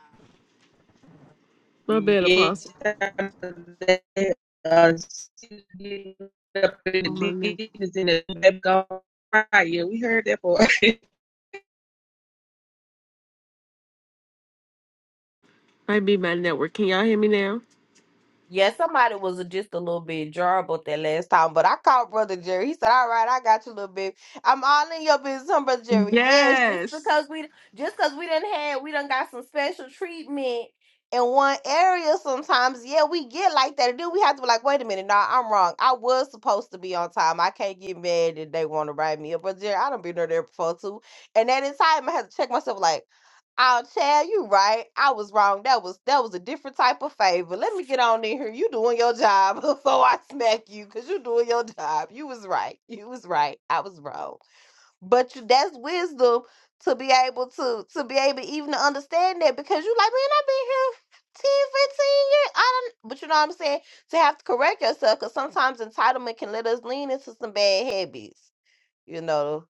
Speaker 1: My bad
Speaker 8: Yes,
Speaker 1: apostle.
Speaker 8: and they up
Speaker 1: Oh
Speaker 8: in
Speaker 1: my
Speaker 8: the
Speaker 1: net.
Speaker 8: business in the background. Yeah, we heard that part. *laughs*
Speaker 1: Might be my network. Can y'all hear me now?
Speaker 3: Yeah, somebody was just a little bit jar about that last time, but I called Brother Jerry. He said, "All right, I got you, little bit. I'm all in your business, huh, Brother Jerry. Yes, just
Speaker 1: Yes.
Speaker 3: because we, just because we done had, we done got some special treatment in one area. Sometimes, yeah, we get like that, and then we have to be like, wait a minute, nah, I'm wrong. I was supposed to be on time. I can't get mad that they want to write me up, Brother Jerry. I don't been there there before too, and that entire time I had to check myself, like. I'll tell you right. I was wrong. That was that was a different type of favor. Let me get on in here. You doing your job *laughs* before I smack you, cause you doing your job. You was right. You was right. I was wrong. But you, that's wisdom to be able to to be able even to understand that because you like man, I've been here 10, 15 years. I don't. But you know what I'm saying? To have to correct yourself, cause sometimes entitlement can let us lean into some bad habits you know,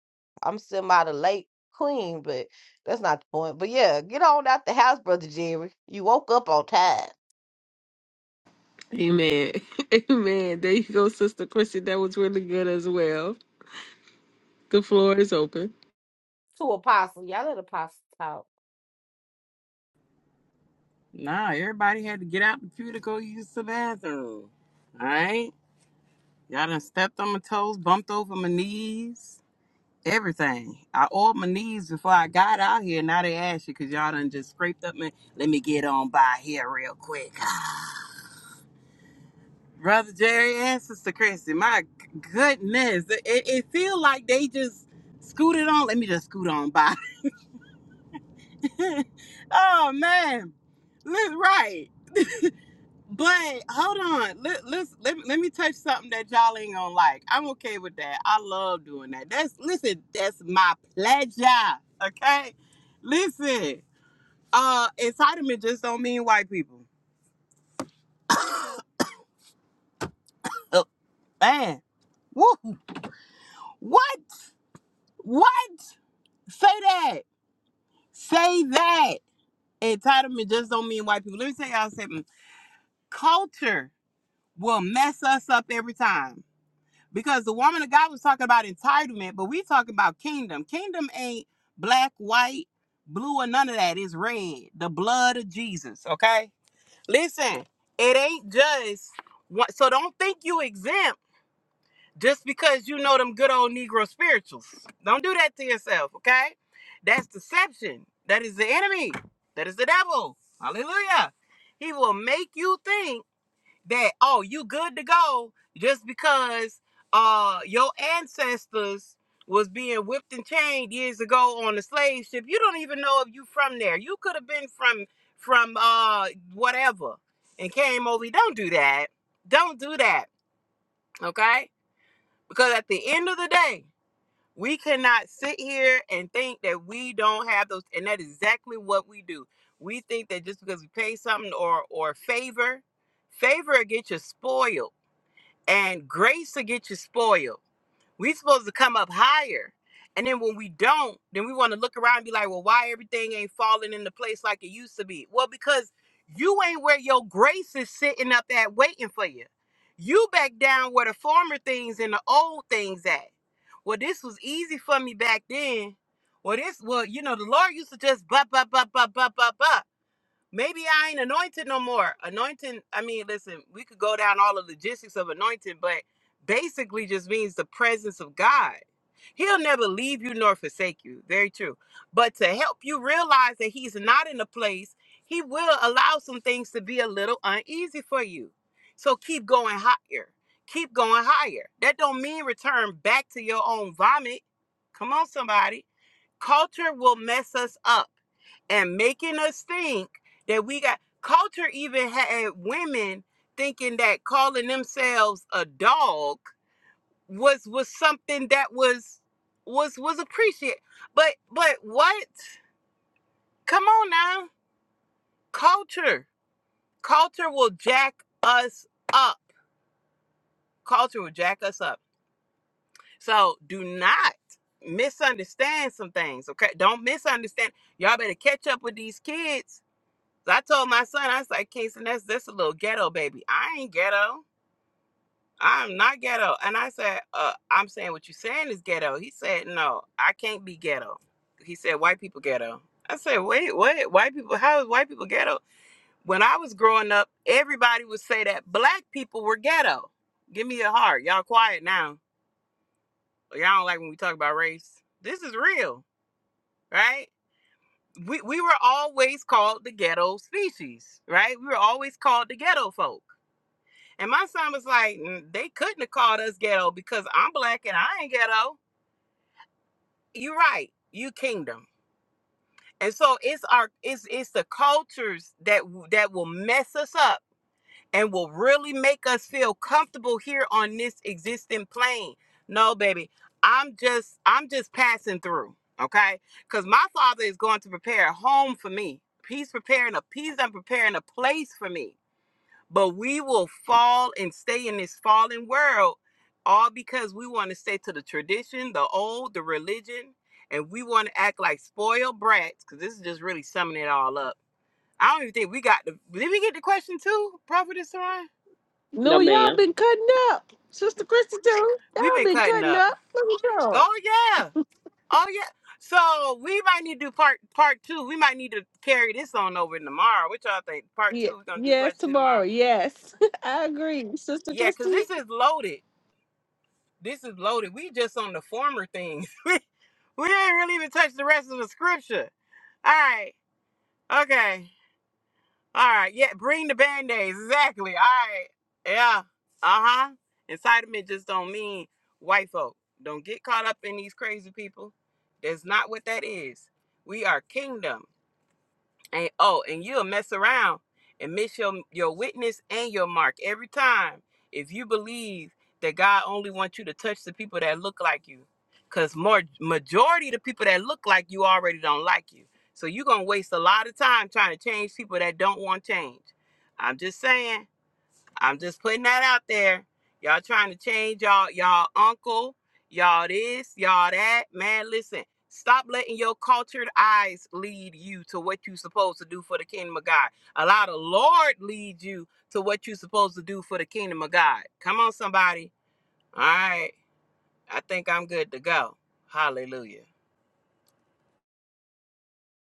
Speaker 3: I'm semi the late queen, but that's not the point. But yeah, get on out the house, brother Jerry. You woke up on time.
Speaker 1: Amen. *laughs* Amen. There you go, Sister Christian. That was really good as well. The floor is open.
Speaker 3: To apostle, y'all let apostle talk.
Speaker 7: Nah, everybody had to get out the pew to go use the bathroom. Alright? Y'all done stepped on my toes, bumped over my knees, everything. I oiled my knees before I got out here. Now they ask you because y'all done just scraped up my let me get on by here real quick. *laughs* Brother Jerry and Sister Christy, my g- goodness, it, it, it feel like they just scooted on. Let me just scoot on by. *laughs* oh man, Li- right. But hold on, let, let's, let me- let me touch something that y'all ain't gonna like. I'm okay with that. I love doing that. That's listen, that's my pleasure. Okay, listen, uh, entitlement just don't mean white people. Oh man, Woo. what? What? Say that. Say that. Entitlement just don't mean white people. Let me tell y'all something. Culture will mess us up every time. Because the woman of God was talking about entitlement, but we talking about kingdom. Kingdom ain't black, white, blue, or none of that. It's red. The blood of Jesus. Okay? Listen, it ain't just one- so don't think you exempt just because you know them good old Negro spirituals. Don't do that to yourself, okay? That's deception. That is the enemy. That is the devil. Hallelujah. He will make you think that, oh, you good to go just because uh your ancestors was being whipped and chained years ago on a slave ship. You don't even know if you from there. You could have been from from uh whatever and came over. Don't do that. Don't do that. Okay? Because at the end of the day, we cannot sit here and think that we don't have those, and that is exactly what we do. We think that just because we pay something or or favor, favor will get you spoiled, and grace will get you spoiled. We supposed to come up higher. And then when we don't, then we want to look around and be like, well, why everything ain't falling into place like it used to be? Well, because you ain't where your grace is sitting up at waiting for you. You back down where the former things and the old things at. Well, this was easy for me back then. Well, this, well, you know, the Lord used to just blah, blah, blah, blah, blah, blah, blah. Maybe I ain't anointed no more. Anointing, I mean, listen, we could go down all the logistics of anointing, but basically just means the presence of God. He'll never leave you nor forsake you. Very true. But to help you realize that he's not in a place, he will allow some things to be a little uneasy for you. So keep going higher. Keep going higher. That don't mean return back to your own vomit. Come on, somebody. Culture will mess us up and making us think that we got culture even had women thinking that calling themselves a dog was was something that was was was appreciated but but what come on now culture culture will jack us up culture will jack us up so do not misunderstand some things okay don't misunderstand y'all better catch up with these kids So I told my son, I was like, Kingston, that's this a little ghetto, baby. I ain't ghetto. I'm not ghetto. And I said, uh, I'm saying what you're saying is ghetto. He said, No, I can't be ghetto. He said, White people ghetto. I said, Wait, what? White people? How is white people ghetto? When I was growing up, everybody would say that black people were ghetto. Give me a heart. Y'all quiet now. Y'all don't like when we talk about race. This is real, right? We, we were always called the ghetto species, right? We were always called the ghetto folk And my son was like, "Mm, they couldn't have called us ghetto because I'm black and I ain't ghetto. You're right. You kingdom. And so it's our it's it's the cultures that w- that will mess us up and will really make us feel comfortable here on this existing plane. No, baby, I'm just I'm just passing through. Okay, because my father is going to prepare a home for me. He's preparing a he's done preparing a place for me But we will fall and stay in this fallen world all because we want to stay to the tradition, the old, the religion, and we want to act like spoiled brats because this is just really summing it all up. I don't even think we got the. Did we get the question too, Prophetess Saran?
Speaker 8: no,
Speaker 1: No, y'all
Speaker 8: ma'am.
Speaker 1: been cutting up. Sister Christian too.
Speaker 7: We've
Speaker 1: Y'all
Speaker 7: been
Speaker 1: been
Speaker 7: cutting
Speaker 1: cutting
Speaker 7: up.
Speaker 1: up. Let me go.
Speaker 7: Oh, yeah. Oh, yeah. So we might need to do part part two. We might need to carry this on over tomorrow. What y'all think? Part two,
Speaker 1: Yeah.
Speaker 7: we're going to do
Speaker 1: Yes,
Speaker 7: question two
Speaker 1: tomorrow.
Speaker 7: tomorrow.
Speaker 1: Yes. *laughs* I agree. Sister
Speaker 7: Yeah, because
Speaker 1: Christy.
Speaker 7: this is loaded. This is loaded. We just on the former things. *laughs* we we ain't really even touched the rest of the scripture. All right. Okay. All right. Yeah. Bring the band aids. Exactly. All right. Yeah. Uh huh. Incitement just don't mean white folk. Don't get caught up in these crazy people. That's not what that is. We are kingdom. And oh, and you'll mess around and miss your your witness and your mark every time if you believe that God only wants you to touch the people that look like you. Cause more majority of the people that look like you already don't like you. So you're gonna waste a lot of time trying to change people that don't want change. I'm just saying I'm just putting that out there. Y'all trying to change y'all y'all uncle, y'all this, y'all that. Man, listen. Stop letting your cultured eyes lead you to what you're supposed to do for the kingdom of God. Allow the Lord lead you to what you're supposed to do for the kingdom of God. Come on, somebody. All right. I think I'm good to go. Hallelujah.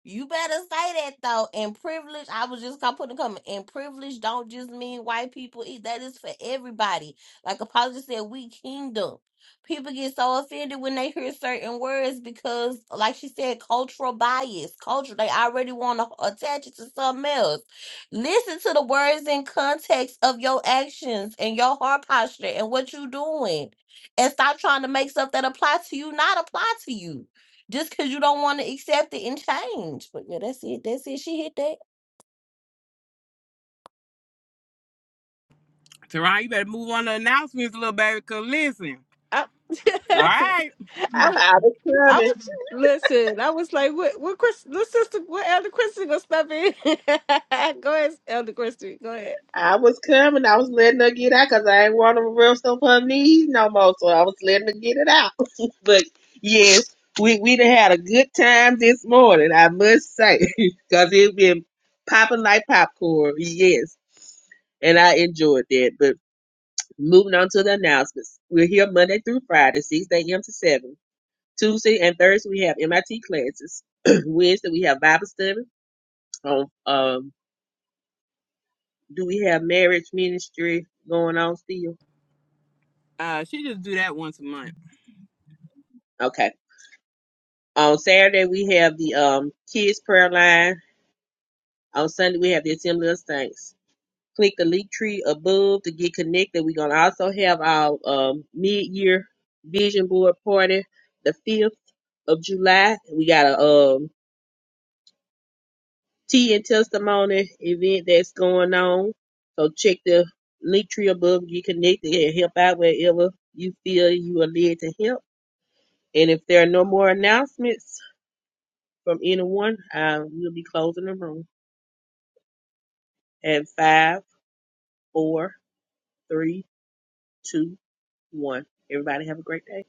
Speaker 3: You better say that though. And privilege, I was just gonna put in a comment. And privilege don't just mean white people. Eat. That is for everybody. Like Apollo said, we kingdom. People get so offended when they hear certain words because, like she said, cultural bias. Culture, they already want to attach it to something else. Listen to the words in context of your actions and your heart posture and what you're doing. And stop trying to make stuff that apply to you not apply to you just because you don't want to accept it and change. But yeah, that's it. That's it. She hit that.
Speaker 7: Teron, you better move on to announcements, little baby, because listen.
Speaker 1: I,
Speaker 7: All
Speaker 1: *laughs*
Speaker 7: right.
Speaker 8: I,
Speaker 1: I,
Speaker 8: I was
Speaker 1: I
Speaker 8: coming.
Speaker 1: was listen. I was like, what? What? Chris, what sister? What Elder Christie gonna step in? *laughs* Go ahead, Elder Christie. Go ahead.
Speaker 8: I was coming. I was letting her get out cause I ain't want to rest on her knees no more. So I was letting her get it out. *laughs* but yes, we we done had a good time this morning. I must say, *laughs* cause it been popping like popcorn. Yes, and I enjoyed that. But. Moving on to the announcements. We're here Monday through Friday, 6 a.m. to 7. Tuesday and Thursday, we have MIT classes. *clears throat* Wednesday, we have Bible study. On, um, do we have marriage ministry going on still?
Speaker 7: Uh, she just do that once a month.
Speaker 8: Okay. On Saturday, we have the um, kids prayer line. On Sunday, we have the Assembly of Saints. Click the link tree above to get connected. We're going to also have our um, mid-year vision board party the 5th of July. We got a um. Tea and testimony event that's going on. So check the link tree above. You connected and help out wherever you feel you are led to help. And if there are no more announcements from anyone, uh, we'll be closing the room at five, four, three, two, one. Everybody have a great day.